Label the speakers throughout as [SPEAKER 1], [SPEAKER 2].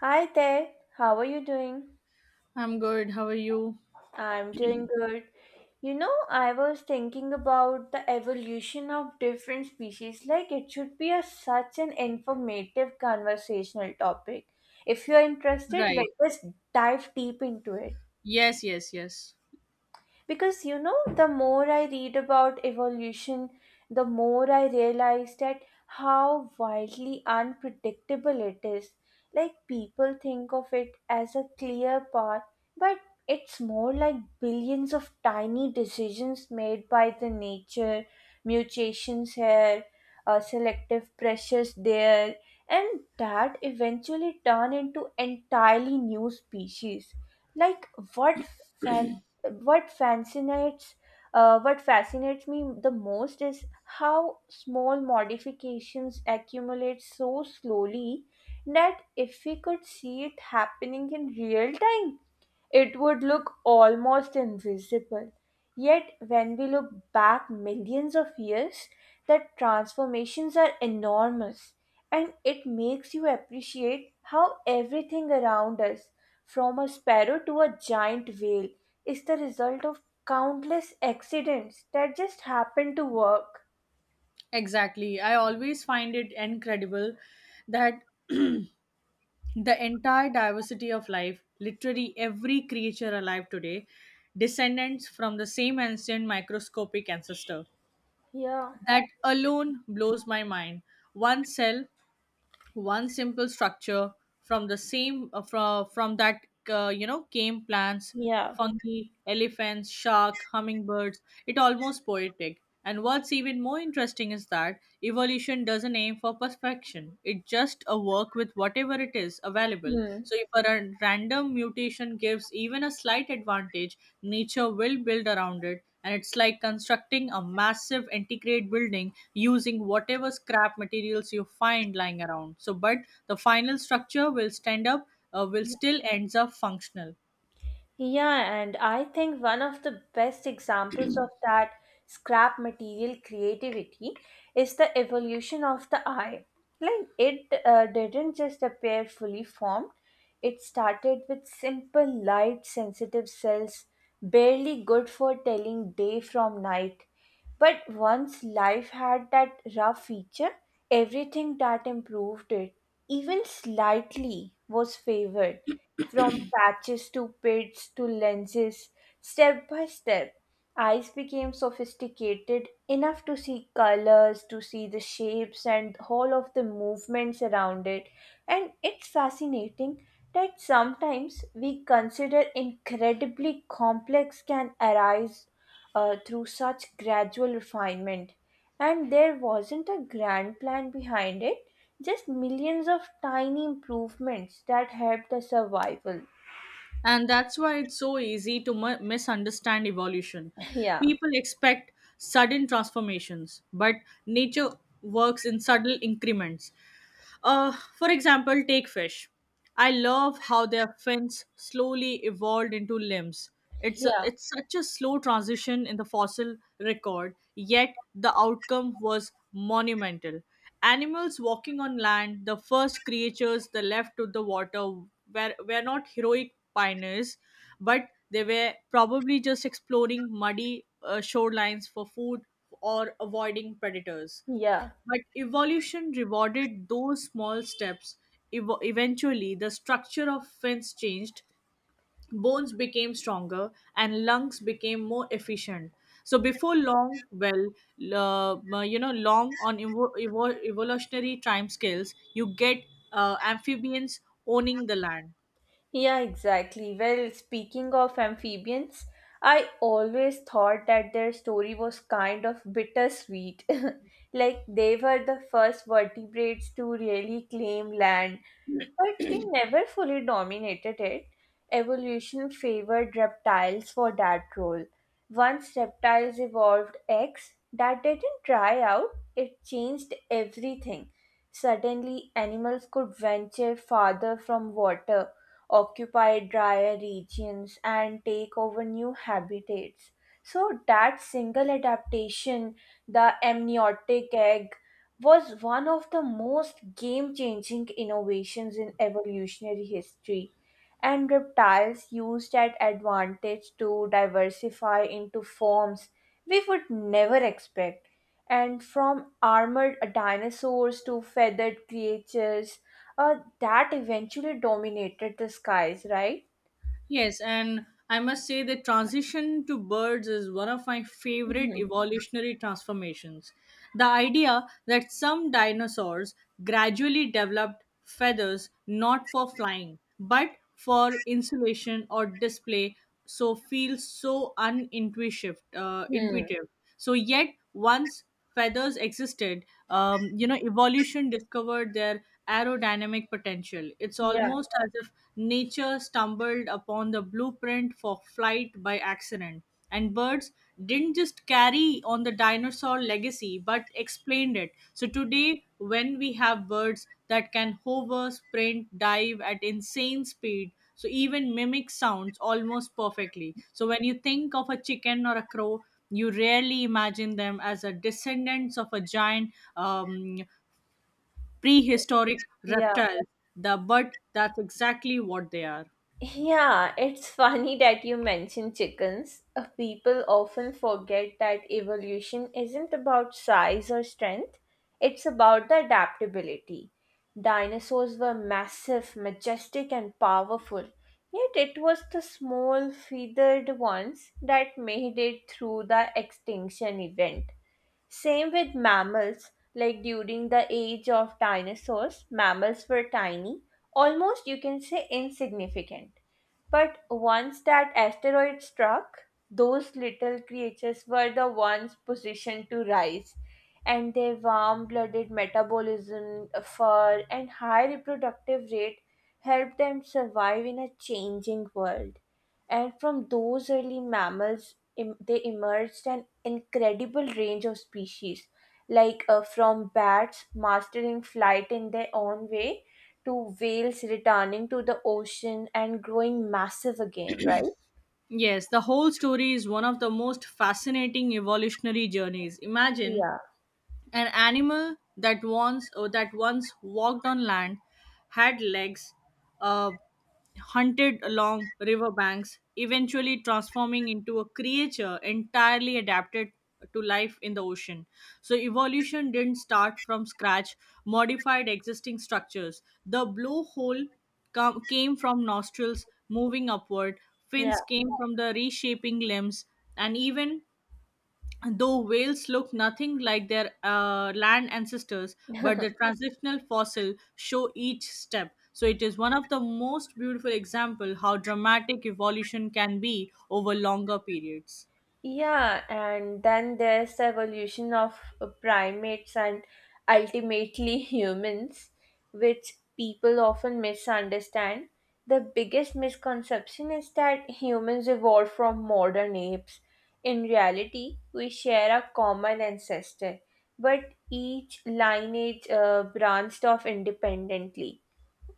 [SPEAKER 1] Hi there, how are you doing?
[SPEAKER 2] I'm good. How are you?
[SPEAKER 1] I'm doing good. You know, I was thinking about the evolution of different species. Like, it should be a, such an informative conversational topic. If you're interested, let
[SPEAKER 2] Right.
[SPEAKER 1] us dive deep into it.
[SPEAKER 2] Yes, yes, yes.
[SPEAKER 1] Because you know the more I read about evolution, the more I realize that how wildly unpredictable it is. Like, people think of it as a clear path, but it's more like billions of tiny decisions made by the nature. Mutations here, selective pressures there, and that eventually turn into entirely new species. Like, what what fascinates what fascinates me the most is how small modifications accumulate so slowly that if we could see it happening in real time, it would look almost invisible. Yet, when we look back millions of years, the transformations are enormous, and it makes you appreciate how everything around us, from a sparrow to a giant whale, is the result of countless accidents that just happen to work.
[SPEAKER 2] Exactly. I always find it incredible that the entire diversity of life, literally every creature alive today, descendants from the same ancient microscopic ancestor.
[SPEAKER 1] Yeah.
[SPEAKER 2] That alone blows my mind. One cell, one simple structure, from the same from that came plants,
[SPEAKER 1] Yeah.
[SPEAKER 2] fungi, elephants, shark, hummingbirds. It almost poetic. And what's even more interesting is that evolution doesn't aim for perfection, it just a work with whatever it is available.
[SPEAKER 1] Hmm.
[SPEAKER 2] So if a random mutation gives even a slight advantage, nature will build around it, and it's like constructing a massive integrate building using whatever scrap materials you find lying around. So but the final structure will stand up, will still ends up functional.
[SPEAKER 1] Yeah, and I think one of the best examples of that scrap material creativity is the evolution of the eye. Like, it didn't just appear fully formed, it started with simple, light sensitive cells, barely good for telling day from night. But once life had that rough feature, everything that improved it, even slightly, was favored from patches to pits to lenses, step by step, eyes became sophisticated enough to see colors, to see the shapes and all of the movements around it. And it's fascinating that sometimes we consider incredibly complex can arise through such gradual refinement. And there wasn't a grand plan behind it, just millions of tiny improvements that help the survival.
[SPEAKER 2] And that's why it's so easy to misunderstand evolution.
[SPEAKER 1] Yeah,
[SPEAKER 2] People expect sudden transformations, but nature works in subtle increments. Uh, for example, take fish. I love how their fins slowly evolved into limbs. It's, a,
[SPEAKER 1] yeah,
[SPEAKER 2] it's such a slow transition in the fossil record, yet the outcome was monumental. Animals walking on land, the first creatures that left to the water, were not heroic pioneers, but they were probably just exploring muddy shorelines for food or avoiding predators.
[SPEAKER 1] yeah,
[SPEAKER 2] But evolution rewarded those small steps. Eventually, the structure of fins changed, bones became stronger, and lungs became more efficient. So before long, well, long on evolutionary time scales, you get amphibians owning the land.
[SPEAKER 1] yeah, exactly. Well, speaking of amphibians, I always thought that their story was kind of bittersweet. Like, they were the first vertebrates to really claim land, but they never fully dominated it. Evolution favored reptiles for that role. Once reptiles evolved eggs that didn't dry out, it changed everything. Suddenly, animals could venture farther from water, occupy drier regions, and take over new habitats. So, that single adaptation, the amniotic egg, was one of the most game changing innovations in evolutionary history, and reptiles used that advantage to diversify into forms we would never expect. And from armored dinosaurs to feathered creatures that eventually dominated the skies, right?
[SPEAKER 2] Yes, and I must say the transition to birds is one of my favorite
[SPEAKER 1] Hmm.
[SPEAKER 2] evolutionary transformations. The idea that some dinosaurs gradually developed feathers not for flying, but for insulation or display, so feels so unintuitive.
[SPEAKER 1] Hmm.
[SPEAKER 2] Intuitive. So, yet once feathers existed, evolution discovered their aerodynamic potential. It's
[SPEAKER 1] Yeah. Yeah,
[SPEAKER 2] almost as if nature stumbled upon the blueprint for flight by accident. And birds didn't just carry on the dinosaur legacy, but explained it. So today, when we have birds that can hover, sprint, dive at insane speed, so even mimic sounds almost perfectly. So when you think of a chicken or a crow, you rarely imagine them as a descendants of a giant prehistoric
[SPEAKER 1] yeah.
[SPEAKER 2] reptile. The But that's exactly what they are.
[SPEAKER 1] Yeah, it's funny that you mention chickens. People often forget that evolution isn't about size or strength, it's about the adaptability. Dinosaurs were massive, majestic, and powerful, yet it was the small, feathered ones that made it through the extinction event. Same with mammals, like during the age of dinosaurs, mammals were tiny, almost you can say insignificant, but once that asteroid struck, those little creatures were the ones positioned to rise, and their warm blooded metabolism, fur, and high reproductive rate helped them survive in a changing world. And from those early mammals, they emerged an incredible range of species, like from bats mastering flight in their own way to whales returning to the ocean and growing massive again, right?
[SPEAKER 2] Yes, the whole story is one of the most fascinating evolutionary journeys. Imagine an animal that once walked on land, had legs, uh, hunted along riverbanks, eventually transforming into a creature entirely adapted to life in the ocean. So evolution didn't start from scratch, modified existing structures. The blowhole came from nostrils moving upward,
[SPEAKER 1] Yeah.
[SPEAKER 2] fins came from the reshaping limbs, and even though whales look nothing like their land ancestors, but
[SPEAKER 1] Yeah.
[SPEAKER 2] the transitional fossil show each step. So it is one of the most beautiful example how dramatic evolution can be over longer periods.
[SPEAKER 1] Yeah, and then there's the evolution of primates and ultimately humans, which people often misunderstand. The biggest misconception is that humans evolved from modern apes. In reality, we share a common ancestor, but each lineage branched off independently.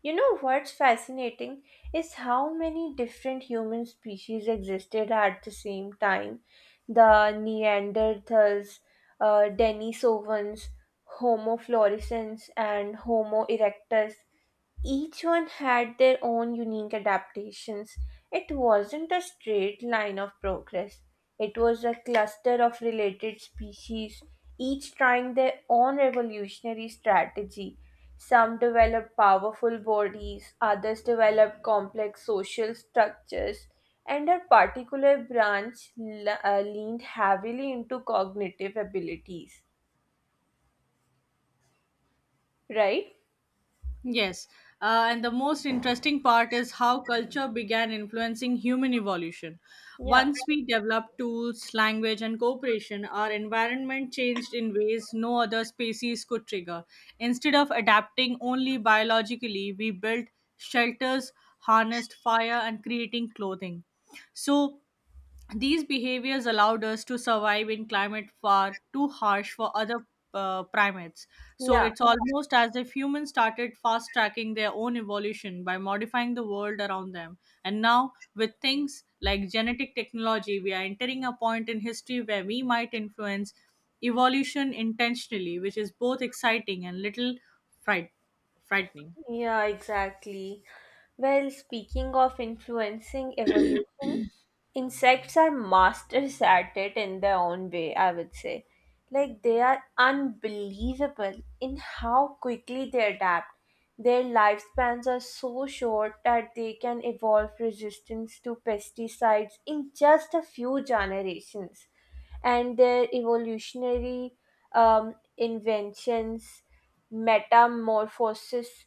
[SPEAKER 1] You know what's fascinating is how many different human species existed at the same time. The Neanderthals, Denisovans, Homo florescens, and Homo erectus, each one had their own unique adaptations. It wasn't a straight line of progress, it was a cluster of related species, each trying their own evolutionary strategy. Some developed powerful bodies, others developed complex social structures, and a particular branch leaned heavily into cognitive abilities, right?
[SPEAKER 2] Yes, and the most interesting part is how culture began influencing human evolution.
[SPEAKER 1] Yeah,
[SPEAKER 2] Once we developed tools, language, and cooperation, our environment changed in ways no other species could trigger. Instead of adapting only biologically, we built shelters, harnessed fire, and creating clothing. So these behaviors allowed us to survive in climate far too harsh for other primates. So
[SPEAKER 1] yeah.
[SPEAKER 2] it's almost as if humans started fast tracking their own evolution by modifying the world around them. And now, with things like genetic technology, we are entering a point in history where we might influence evolution intentionally, which is both exciting and little fright- frightening.
[SPEAKER 1] Yeah, exactly. Well, speaking of influencing evolution, insects are masters at it in their own way, I would say. Like, they are unbelievable in how quickly they adapt. Their lifespans are so short that they can evolve resistance to pesticides in just a few generations, and their evolutionary inventions, metamorphosis,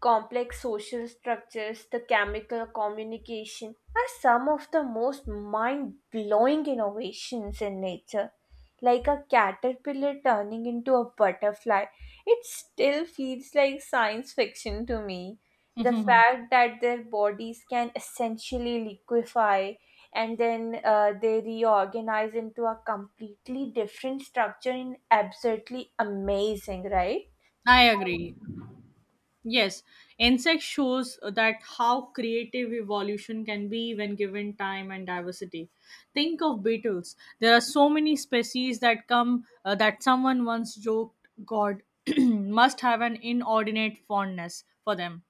[SPEAKER 1] complex social structures, the chemical communication are some of the most mind blowing innovations in nature. Like a caterpillar turning into a butterfly, it still feels like science fiction to me. The fact that their bodies can essentially liquefy and then they reorganize into a completely different structure in absolutely amazing, right?
[SPEAKER 2] I agree. Yes, insect shows that how creative evolution can be when given time and diversity. Think of beetles. There are so many species that come that someone once joked God must have an inordinate fondness for them,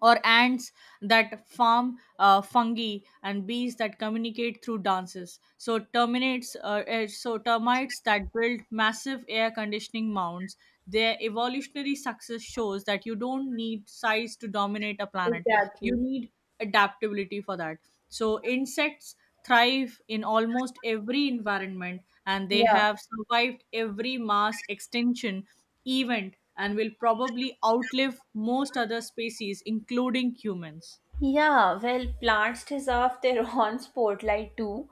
[SPEAKER 2] or ants that farm fungi, and bees that communicate through dances, so termites that build massive air conditioning mounds. Their evolutionary success shows that you don't need size to dominate a planet. You
[SPEAKER 1] Exactly.
[SPEAKER 2] need adaptability for that. So insects thrive in almost every environment, and they
[SPEAKER 1] Yeah.
[SPEAKER 2] have survived every mass extinction event, and will probably outlive most other species, including humans.
[SPEAKER 1] Yeah, well, plants deserve their own spotlight too.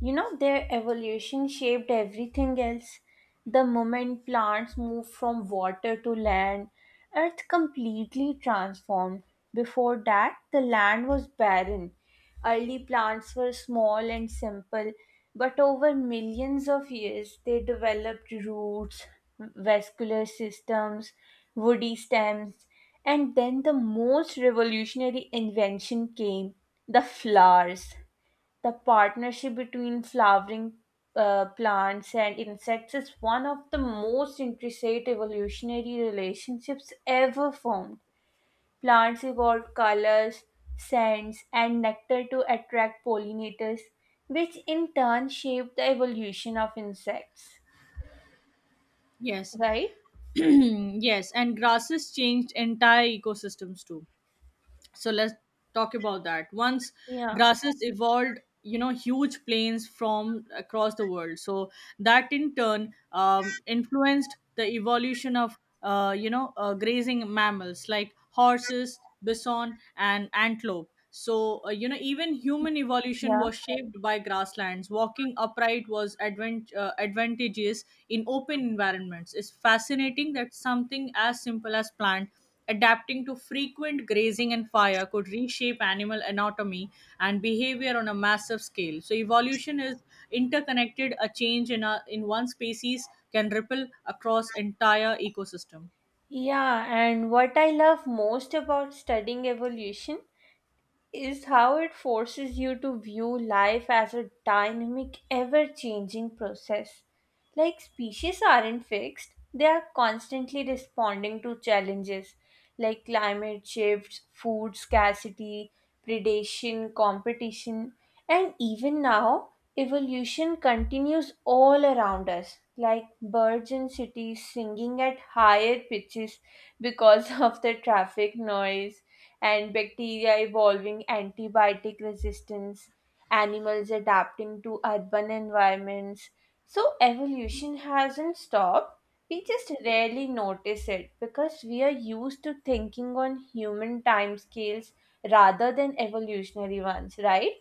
[SPEAKER 1] You know, their evolution shaped everything else. The moment plants moved from water to land, Earth completely transformed. Before that, the land was barren. Early plants were small and simple, but over millions of years, they developed roots, vascular systems, woody stems, and then the most revolutionary invention came, the flowers. The partnership between flowering plants and insects is one of the most intricate evolutionary relationships ever formed. Plants evolved colors, scents, and nectar to attract pollinators, which in turn shaped the evolution of insects.
[SPEAKER 2] Yes,
[SPEAKER 1] Right?
[SPEAKER 2] yes, and grasses changed entire ecosystems too. So let's talk about that. Once
[SPEAKER 1] Yeah.
[SPEAKER 2] grasses evolved, huge plains from across the world, so that in turn influenced the evolution of grazing mammals like horses, bison, and antelope. So even human evolution
[SPEAKER 1] Yeah.
[SPEAKER 2] was shaped by grasslands. Walking upright was advantageous in open environments. It's fascinating that something as simple as plant adapting to frequent grazing and fire could reshape animal anatomy and behavior on a massive scale. So evolution is interconnected. A change in a in one species can ripple across entire ecosystem.
[SPEAKER 1] Yeah, and what I love most about studying evolution is how it forces you to view life as a dynamic, ever changing process. Like, species aren't fixed, they are constantly responding to challenges like climate shifts, food scarcity, predation, competition, and even now, evolution continues all around us, like birds in cities singing at higher pitches because of the traffic noise, and bacteria evolving antibiotic resistance, animals adapting to urban environments. So evolution hasn't stopped. We just rarely notice it because we are used to thinking on human timescales rather than evolutionary ones, right?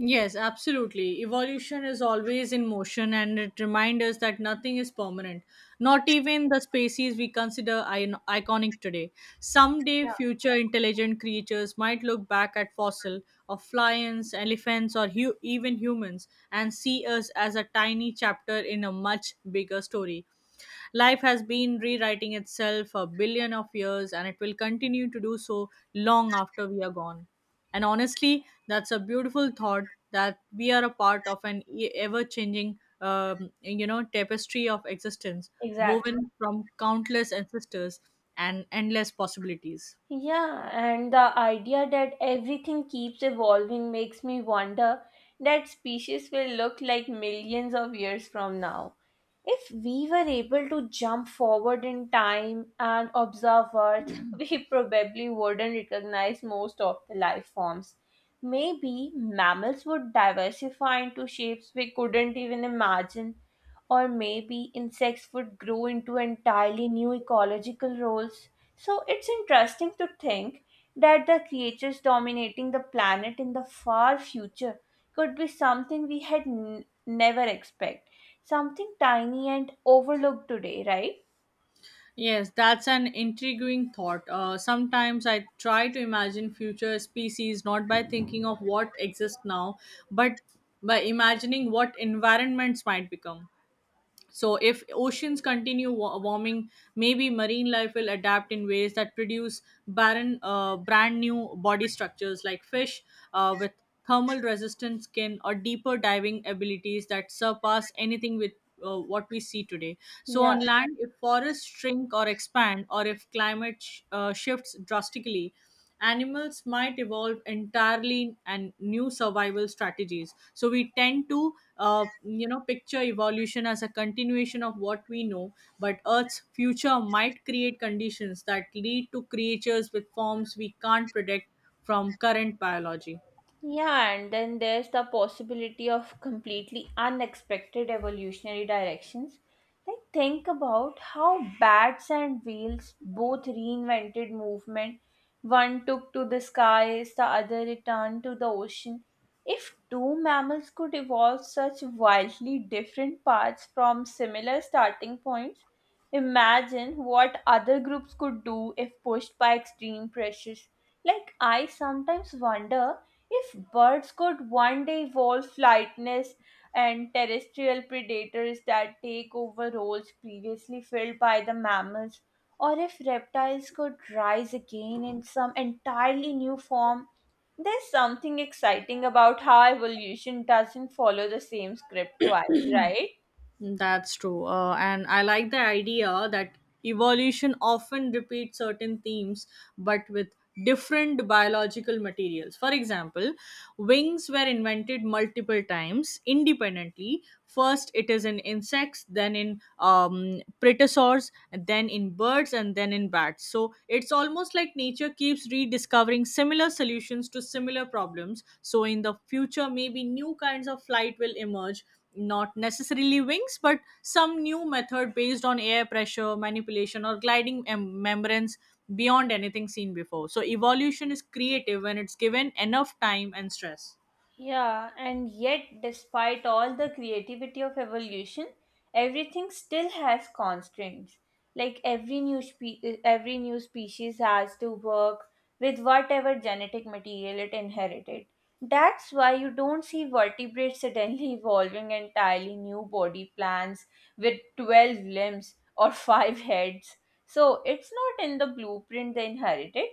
[SPEAKER 2] Yes, absolutely. Evolution is always in motion, and it reminds us that nothing is permanent, not even the species we consider iconic today. Someday,
[SPEAKER 1] Yeah.
[SPEAKER 2] future intelligent creatures might look back at fossil of lions, elephants, or even humans and see us as a tiny chapter in a much bigger story. Life has been rewriting itself for a billion of years and it will continue to do so long after we are gone. And honestly, that's a beautiful thought that we are a part of an ever changing tapestry of existence,
[SPEAKER 1] Exactly.
[SPEAKER 2] woven from countless ancestors and endless possibilities.
[SPEAKER 1] Yeah, and the idea that everything keeps evolving makes me wonder that species will look like millions of years from now. If we were able to jump forward in time and observe Earth, we probably wouldn't recognize most of the life forms. Maybe mammals would diversify into shapes we couldn't even imagine, or maybe insects would grow into entirely new ecological roles. So it's interesting to think that the creatures dominating the planet in the far future could be something we had never expect, something tiny and overlooked today, right?
[SPEAKER 2] Yes, that's an intriguing thought. Sometimes I try to imagine future species not by thinking of what exists now, but by imagining what environments might become. So, if oceans continue warming, maybe marine life will adapt in ways that produce barren, brand new body structures like fish with thermal resistant skin or deeper diving abilities that surpass anything with what we see today. So,
[SPEAKER 1] Yeah.
[SPEAKER 2] on land, if forests shrink or expand, or if climate shifts drastically, animals might evolve entirely and new survival strategies. So we tend to picture evolution as a continuation of what we know, but earth's future might create conditions that lead to creatures with forms we can't predict from current biology.
[SPEAKER 1] Yeah, and then there's the possibility of completely unexpected evolutionary directions. Like, think about how bats and whales both reinvented movement. One took to the skies, the other returned to the ocean. If two mammals could evolve such wildly different paths from similar starting points, imagine what other groups could do if pushed by extreme pressures. Like, I sometimes wonder if birds could one day evolve flightless and terrestrial predators that take over roles previously filled by the mammals, or if reptiles could rise again in some entirely new form, there's something exciting about how evolution doesn't follow the same script twice, right?
[SPEAKER 2] That's true. And I like the idea that evolution often repeats certain themes but with different biological materials. For example, wings were invented multiple times independently. First, it is in insects, then in preterosaurs, then in birds, and then in bats. So it's almost like nature keeps rediscovering similar solutions to similar problems. So in the future, maybe new kinds of flight will emerge, not necessarily wings but some new method based on air pressure manipulation or gliding membranes beyond anything seen before. So evolution is creative when it's given enough time and stress.
[SPEAKER 1] Yeah, and yet, despite all the creativity of evolution, everything still has constraints. Like, every new species has to work with whatever genetic material it inherited. That's why you don't see vertebrates suddenly evolving entirely new body plans with 12 limbs or 5 heads. So, it's not in the blueprint they inherited.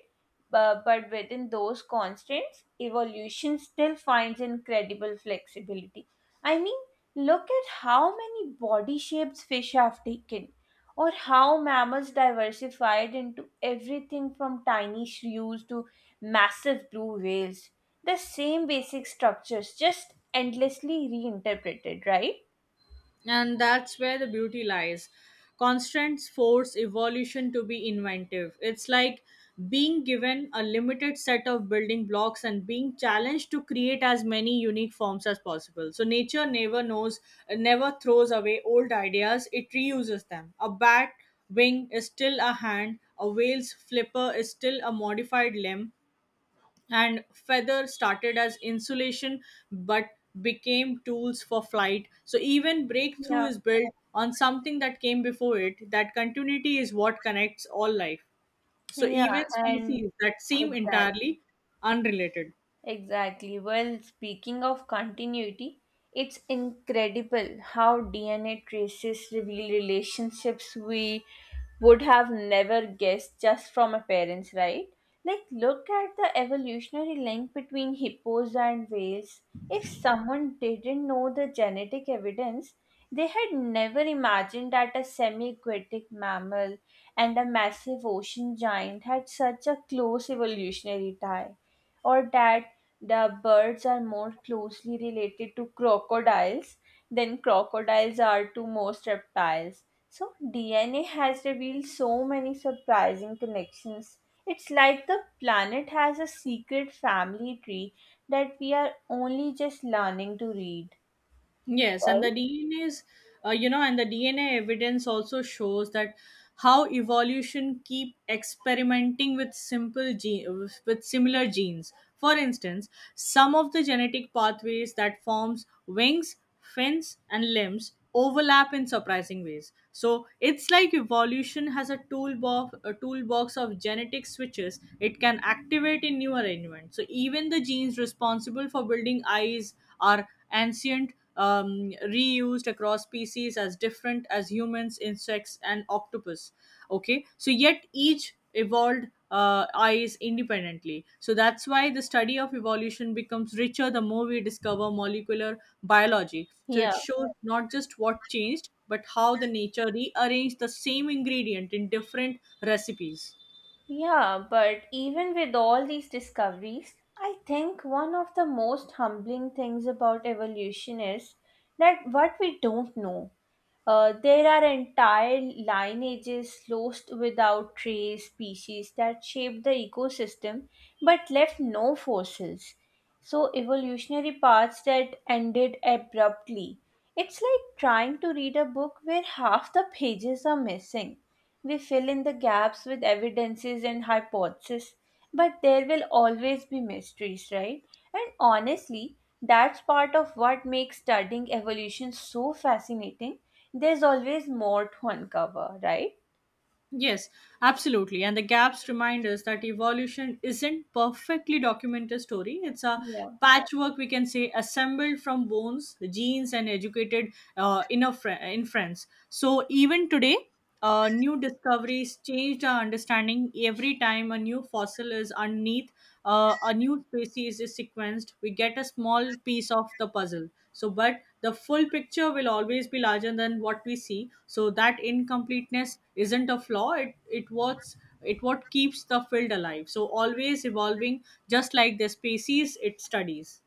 [SPEAKER 1] But within those constraints, evolution still finds incredible flexibility. I mean, look at how many body shapes fish have taken, or how mammals diversified into everything from tiny shrews to massive blue whales. The same basic structures, just endlessly reinterpreted, right?
[SPEAKER 2] And that's where the beauty lies. Constraints force evolution to be inventive. It's like being given a limited set of building blocks and being challenged to create as many unique forms as possible. So nature never knows, never throws away old ideas, it reuses them. A bat wing is still a hand, a whale's flipper is still a modified limb, and feather started as insulation but became tools for flight. So even breakthrough
[SPEAKER 1] Yeah.
[SPEAKER 2] is built on something that came before it. That continuity is what connects all life, so
[SPEAKER 1] Yeah,
[SPEAKER 2] even
[SPEAKER 1] and
[SPEAKER 2] species that seem
[SPEAKER 1] exactly.
[SPEAKER 2] entirely unrelated.
[SPEAKER 1] Exactly. Well, speaking of continuity, it's incredible how DNA traces reveal relationships we would have never guessed just from appearance, right? Like, look at the evolutionary link between hippos and whales. If someone didn't know the genetic evidence, they had never imagined that a semi aquatic mammal and a massive ocean giant had such a close evolutionary tie, or that the birds are more closely related to crocodiles than crocodiles are to most reptiles. So, DNA has revealed so many surprising connections. It's like the planet has a secret family tree that we are only just learning to read,
[SPEAKER 2] Yes, and
[SPEAKER 1] right?
[SPEAKER 2] the DNA is, you know, and the DNA evidence also shows that how evolution keep experimenting with simple gene with similar genes. For instance, some of the genetic pathways that forms wings, fins, and limbs overlap in surprising ways. So it's like evolution has a toolbox of genetic switches it can activate in new arrangements. So even the genes responsible for building eyes are ancient, reused across species as different as humans, insects, and octopus. Okay, so yet each evolved eyes independently. So that's why the study of evolution becomes richer the more we discover molecular biology. So it
[SPEAKER 1] Yeah.
[SPEAKER 2] shows not just what changed, but how the nature rearranged the same ingredient in different recipes.
[SPEAKER 1] Yeah, but even with all these discoveries, I think one of the most humbling things about evolution is that what we don't know. There are entire lineages lost without trace species that shaped the ecosystem but left no fossils. So, evolutionary paths that ended abruptly. It's like trying to read a book where half the pages are missing. We fill in the gaps with evidences and hypotheses, but there will always be mysteries, right? And honestly, that's part of what makes studying evolution so fascinating, there's always more to uncover, right?
[SPEAKER 2] Yes, absolutely. And the gaps remind us that evolution isn't perfectly documented story. It's a
[SPEAKER 1] Yeah.
[SPEAKER 2] patchwork, we can say, assembled from bones, genes, and educated inference. So even today, new discoveries changed our understanding. Every time a new fossil is underneath, a new species is sequenced, we get a small piece of the puzzle. So, but the full picture will always be larger than what we see. So that incompleteness isn't a flaw. It what's it what keeps the field alive. So always evolving, just like the species it studies.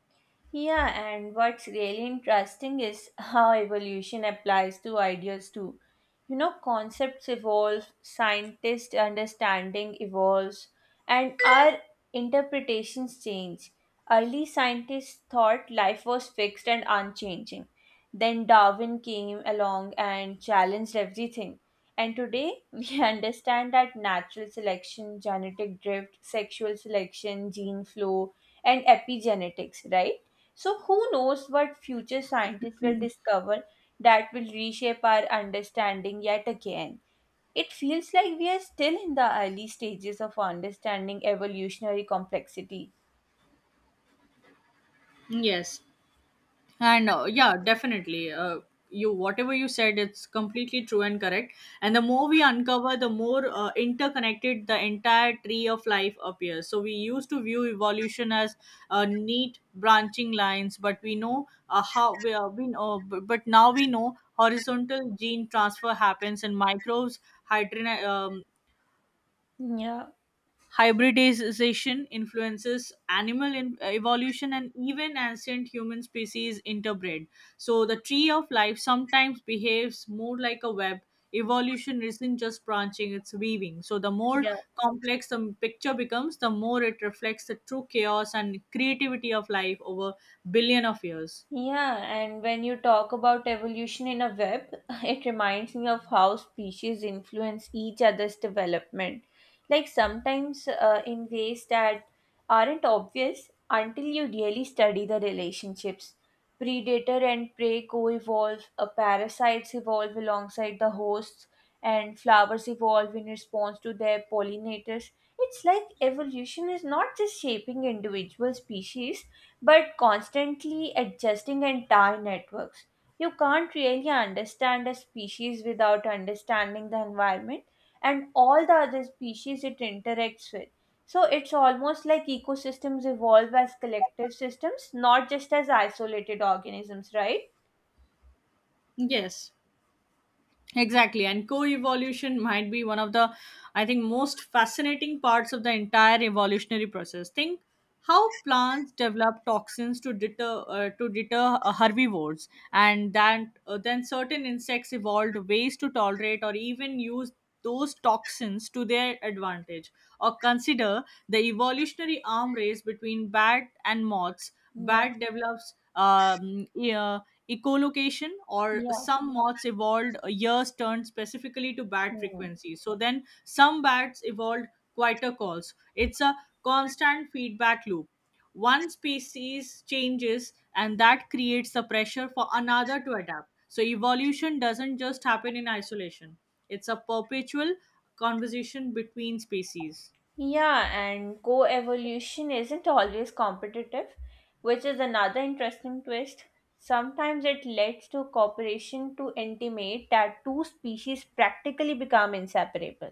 [SPEAKER 1] Yeah, and what's really interesting is how evolution applies to ideas too. You know, concepts evolve, scientists' understanding evolves, and our interpretations change. Early scientists thought life was fixed and unchanging. Then Darwin came along and challenged everything. And today, we understand that natural selection, genetic drift, sexual selection, gene flow, and epigenetics, right? So, who knows what future scientists will discover that will reshape our understanding yet again? It feels like we are still in the early stages of understanding evolutionary complexity.
[SPEAKER 2] Yes. and yeah definitely you whatever you said, it's completely true and correct, and the more we uncover, the more interconnected the entire tree of life appears. So we used to view evolution as neat branching lines, but we know how we know but now we know horizontal gene transfer happens in microbes, hydrina,
[SPEAKER 1] Yeah.
[SPEAKER 2] hybridization influences animal evolution, and even ancient human species interbred. So, the tree of life sometimes behaves more like a web. Evolution isn't just branching, it's weaving. So, the more
[SPEAKER 1] Yeah.
[SPEAKER 2] complex the picture becomes, the more it reflects the true chaos and creativity of life over billion of years.
[SPEAKER 1] Yeah, and when you talk about evolution in a web, it reminds me of how species influence each other's development. Like sometimes in ways that aren't obvious until you really study the relationships. Predator and prey co evolve, parasites evolve alongside the hosts, and flowers evolve in response to their pollinators. It's like evolution is not just shaping individual species but constantly adjusting entire networks. You can't really understand a species without understanding the environment and all the other species it interacts with. So it's almost like ecosystems evolve as collective systems, not just as isolated organisms, right?
[SPEAKER 2] Yes. Exactly, and co-evolution might be one of the, I think, most fascinating parts of the entire evolutionary process. Think how plants develop toxins to deter herbivores, and then certain insects evolved ways to tolerate or even use those toxins to their advantage. Or consider the evolutionary arm race between bat and moths.
[SPEAKER 1] Yeah.
[SPEAKER 2] Bat develops echolocation, or
[SPEAKER 1] Yeah.
[SPEAKER 2] some moths evolved ears year's turned specifically to bat
[SPEAKER 1] Hmm.
[SPEAKER 2] frequencies, so then some bats evolved quieter calls. It's a constant feedback loop. One species changes and that creates the pressure for another to adapt, so evolution doesn't just happen in isolation. It's a perpetual conversation between species.
[SPEAKER 1] Yeah, and co evolution isn't always competitive, which is another interesting twist. Sometimes it leads to cooperation to intimate that two species practically become inseparable.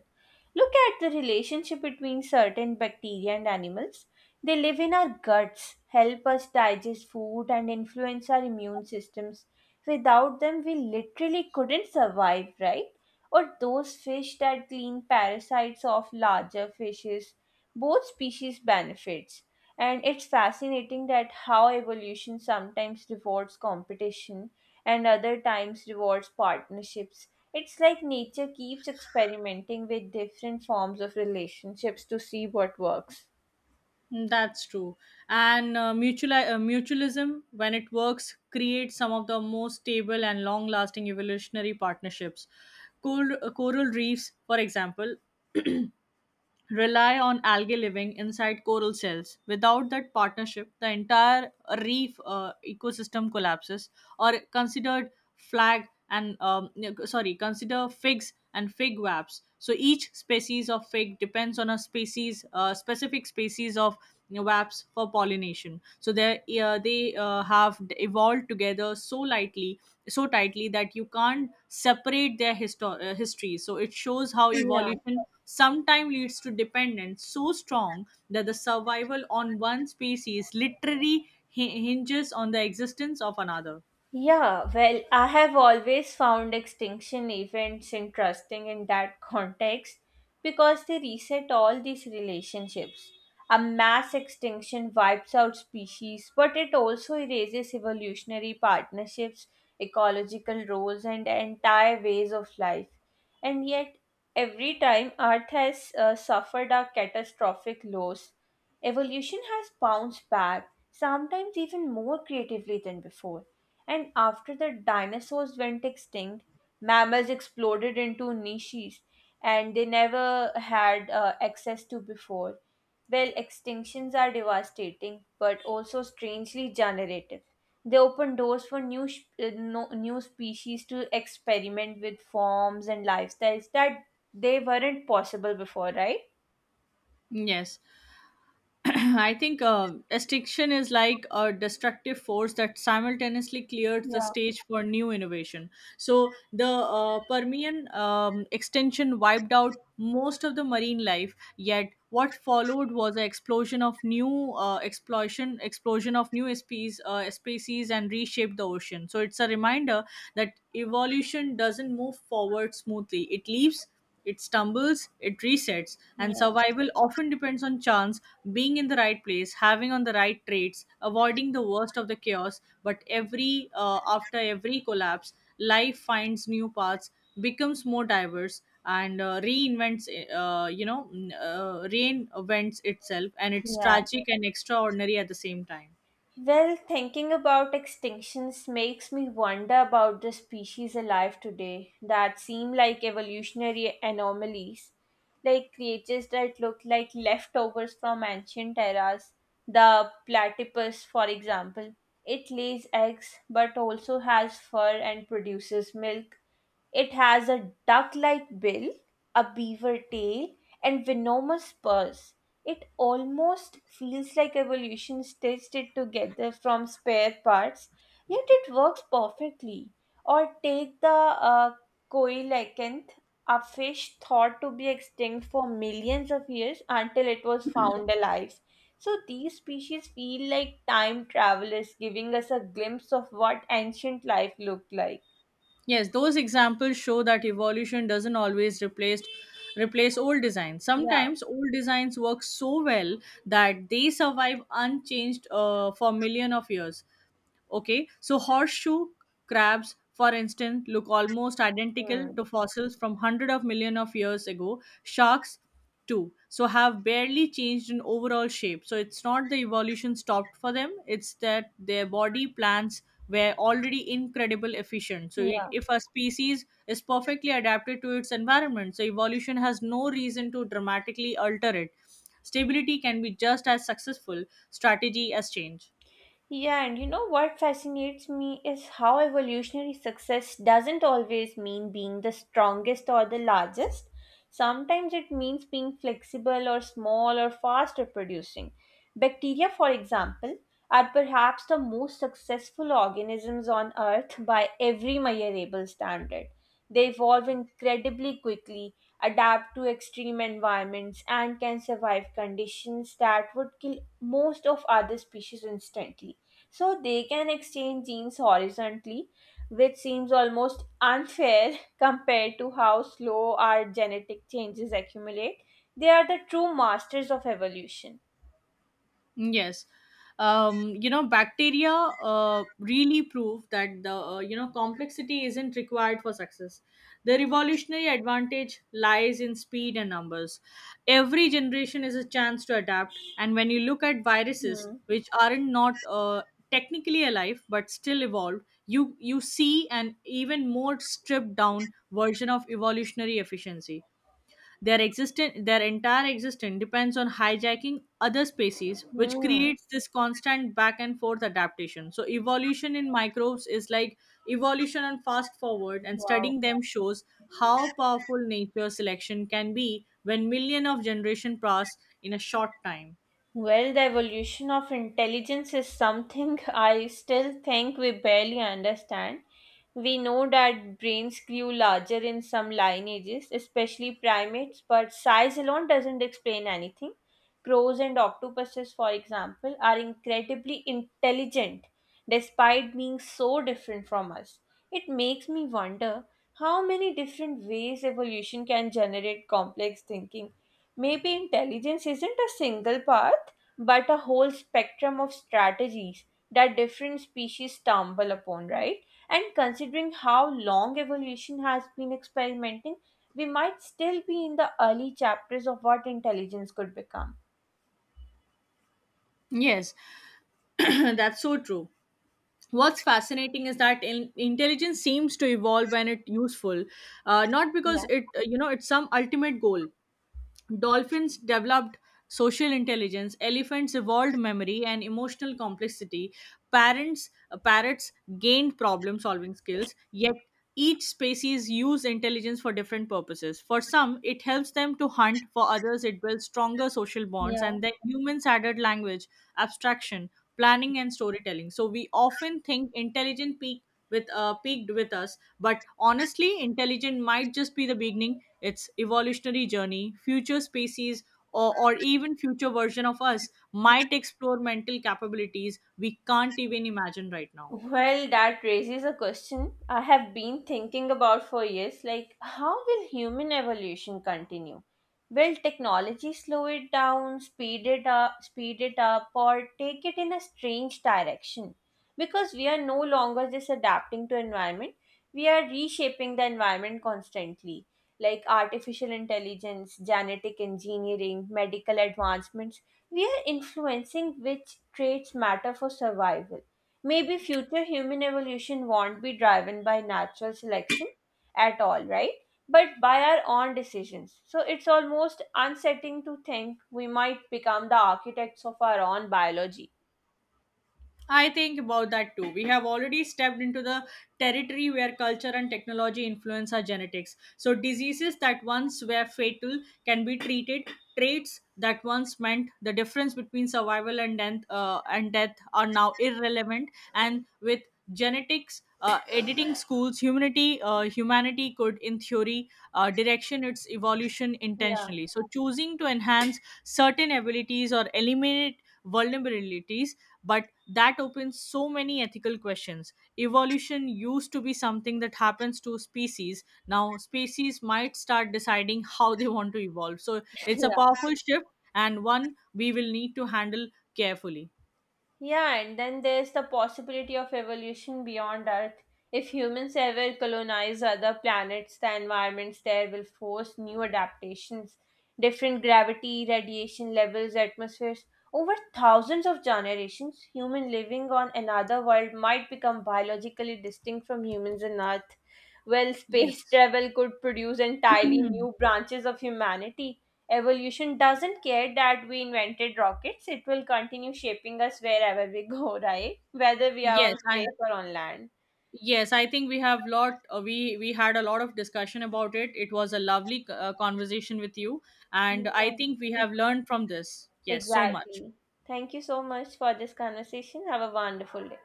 [SPEAKER 1] Look at the relationship between certain bacteria and animals. They live in our guts, help us digest food, and influence our immune systems. Without them, we literally couldn't survive, right? Or those fish that clean parasites off larger fishes. Both species benefits. And it's fascinating that how evolution sometimes rewards competition and other times rewards partnerships. It's like nature keeps experimenting with different forms of relationships to see what works.
[SPEAKER 2] Mm, that's true. And mutualism, when it works, creates some of the most stable and long lasting evolutionary partnerships. Coral reefs, for example, rely on algae living inside coral cells. Without that partnership, the entire reef ecosystem collapses. Or considered flag and no, sorry, consider figs and fig webs. So each species of fig depends on a specific species of webs for pollination. So they have evolved together so lightly, so tightly that you can't separate their history. So it shows how
[SPEAKER 1] Yeah.
[SPEAKER 2] evolution sometimes leads to dependence so strong that the survival on one species literally hinges on the existence of another.
[SPEAKER 1] Yeah, well, I have always found extinction events interesting in that context because they reset all these relationships. A mass extinction wipes out species, but it also erases evolutionary partnerships, ecological roles, and entire ways of life. And yet, every time Earth has suffered a catastrophic loss, evolution has bounced back, sometimes even more creatively than before. And after the dinosaurs went extinct, mammals exploded into niches and they never had access to before. Well, extinctions are devastating but also strangely generative. They open doors for new, sh- no- new species to experiment with forms and lifestyles that they weren't possible before, right?
[SPEAKER 2] Yes, I think extinction is like a destructive force that simultaneously clears the
[SPEAKER 1] Yeah.
[SPEAKER 2] stage for new innovation. So the Permian extension wiped out most of the marine life. Yet what followed was an explosion of new species and reshaped the ocean. So it's a reminder that evolution doesn't move forward smoothly. It stumbles, it resets,
[SPEAKER 1] Yeah.
[SPEAKER 2] and survival often depends on chance, being in the right place, having on the right traits, avoiding the worst of the chaos. But every after every collapse, life finds new paths, becomes more diverse, and reinvents uh, you know reinvents itself, and it's
[SPEAKER 1] Yeah.
[SPEAKER 2] tragic and extraordinary at the same time.
[SPEAKER 1] Well, thinking about extinctions makes me wonder about the species alive today that seem like evolutionary anomalies, like creatures that look like leftovers from ancient eras. The platypus, for example, it lays eggs but also has fur and produces milk, it has a duck like bill, a beaver tail, and venomous spurs. It almost feels like evolution stitched it together from spare parts, yet it works perfectly. Or take the coelacanth, a fish thought to be extinct for millions of years until it was found alive. So these species feel like time travelers giving us a glimpse of what ancient life looked like.
[SPEAKER 2] Yes, those examples show that evolution doesn't always replace old designs.
[SPEAKER 1] Yeah.
[SPEAKER 2] Sometimes old designs work so well that they survive unchanged for million of years. Okay, so horseshoe crabs, for instance, look almost identical
[SPEAKER 1] Hmm.
[SPEAKER 2] to fossils from hundreds of million of years ago. Sharks, too, so have barely changed in overall shape. So it's not the evolution stopped for them; it's that their body plans were already incredible efficient. So it,
[SPEAKER 1] Yeah.
[SPEAKER 2] if a species is perfectly adapted to its environment, so evolution has no reason to dramatically alter it. Stability can be just as successful strategy as change.
[SPEAKER 1] Yeah, and you know what fascinates me is how evolutionary success doesn't always mean being the strongest or the largest. Sometimes it means being flexible or small or fast reproducing. Bacteria, for example, are perhaps the most successful organisms on Earth by every measurable standard. They evolve incredibly quickly, adapt to extreme environments, and can survive conditions that would kill most of other species instantly. So they can exchange genes horizontally, which seems almost unfair compared to how slow our genetic changes accumulate. They are the true masters of evolution.
[SPEAKER 2] Yes. You know, bacteria really prove that the you know complexity isn't required for success. The revolutionary advantage lies in speed and numbers. Every generation is a chance to adapt, and when you look at viruses,
[SPEAKER 1] Hmm.
[SPEAKER 2] which aren't not technically alive but still evolved, you see an even more stripped down version of evolutionary efficiency. Their entire existence depends on hijacking other species, which
[SPEAKER 1] Hmm.
[SPEAKER 2] creates this constant back and forth adaptation. So evolution in microbes is like evolution and fast forward, and
[SPEAKER 1] Wow.
[SPEAKER 2] studying them shows how powerful nature selection can be when million of generation pass in a short time.
[SPEAKER 1] Well, the evolution of intelligence is something I still think we barely understand. We know that brains grew larger in some lineages, especially primates, but size alone doesn't explain anything. Crows and octopuses, for example, are incredibly intelligent despite being so different from us. It makes me wonder how many different ways evolution can generate complex thinking. Maybe intelligence isn't a single path, but a whole spectrum of strategies that different species stumble upon, right? And considering how long evolution has been experimenting, we might still be in the early chapters of what intelligence could become.
[SPEAKER 2] Yes, that's so true. What's fascinating is that intelligence seems to evolve when it's useful, not
[SPEAKER 1] Yeah,
[SPEAKER 2] because it it's some ultimate goal. Dolphins developed social intelligence, elephants evolved memory and emotional complexity, parrots gained problem solving skills, yet each species use intelligence for different purposes. For some, it helps them to hunt, for others it builds stronger social bonds,
[SPEAKER 1] yeah.
[SPEAKER 2] and then humans added language, abstraction, planning and storytelling. So we often think intelligent peak with peaked with us, but honestly intelligent might just be the beginning its evolutionary journey. Future species, or even future version of us might explore mental capabilities we can't even imagine right now.
[SPEAKER 1] Well, that raises a question I have been thinking about for years. Like, how will human evolution continue? Will technology slow it down, speed it up, or take it in a strange direction? Because we are no longer just adapting to environment, we are reshaping the environment constantly. Like artificial intelligence, genetic engineering, medical advancements, we are influencing which traits matter for survival. Maybe future human evolution won't be driven by natural selection at all, right? But by our own decisions. So it's almost unsettling to think we might become the architects of our own biology.
[SPEAKER 2] I think about that too. We have already stepped into the territory where culture and technology influence our genetics. So, diseases that once were fatal can be treated. Traits that once meant the difference between survival and death are now irrelevant. And with genetics editing schools, humanity could, in theory, direction its evolution
[SPEAKER 1] Yeah,
[SPEAKER 2] intentionally. So, choosing to enhance certain abilities or eliminate vulnerabilities, but that opens so many ethical questions. Evolution used to be something that happens to species. Now species might start deciding how they want to evolve. So it's a
[SPEAKER 1] yeah.
[SPEAKER 2] powerful shift and one we will need to handle carefully.
[SPEAKER 1] Yeah, and then there's the possibility of evolution beyond Earth. If humans ever colonize other planets, the environments there will force new adaptations, different gravity, radiation levels, atmospheres. Over thousands of generations, human living on another world might become biologically distinct from humans on Earth. Well, space
[SPEAKER 2] Yes.
[SPEAKER 1] travel could produce entirely new branches of humanity. Evolution doesn't care that we invented rockets, it will continue shaping us wherever we go, right? Whether we are
[SPEAKER 2] yes
[SPEAKER 1] on
[SPEAKER 2] i
[SPEAKER 1] space or on land.
[SPEAKER 2] yes, I think we had a lot of discussion about it. It was a lovely conversation with you, and I think we
[SPEAKER 1] Yeah.
[SPEAKER 2] have learned from this, yes, so much.
[SPEAKER 1] Exactly. Thank you so much for this conversation. Have a wonderful day.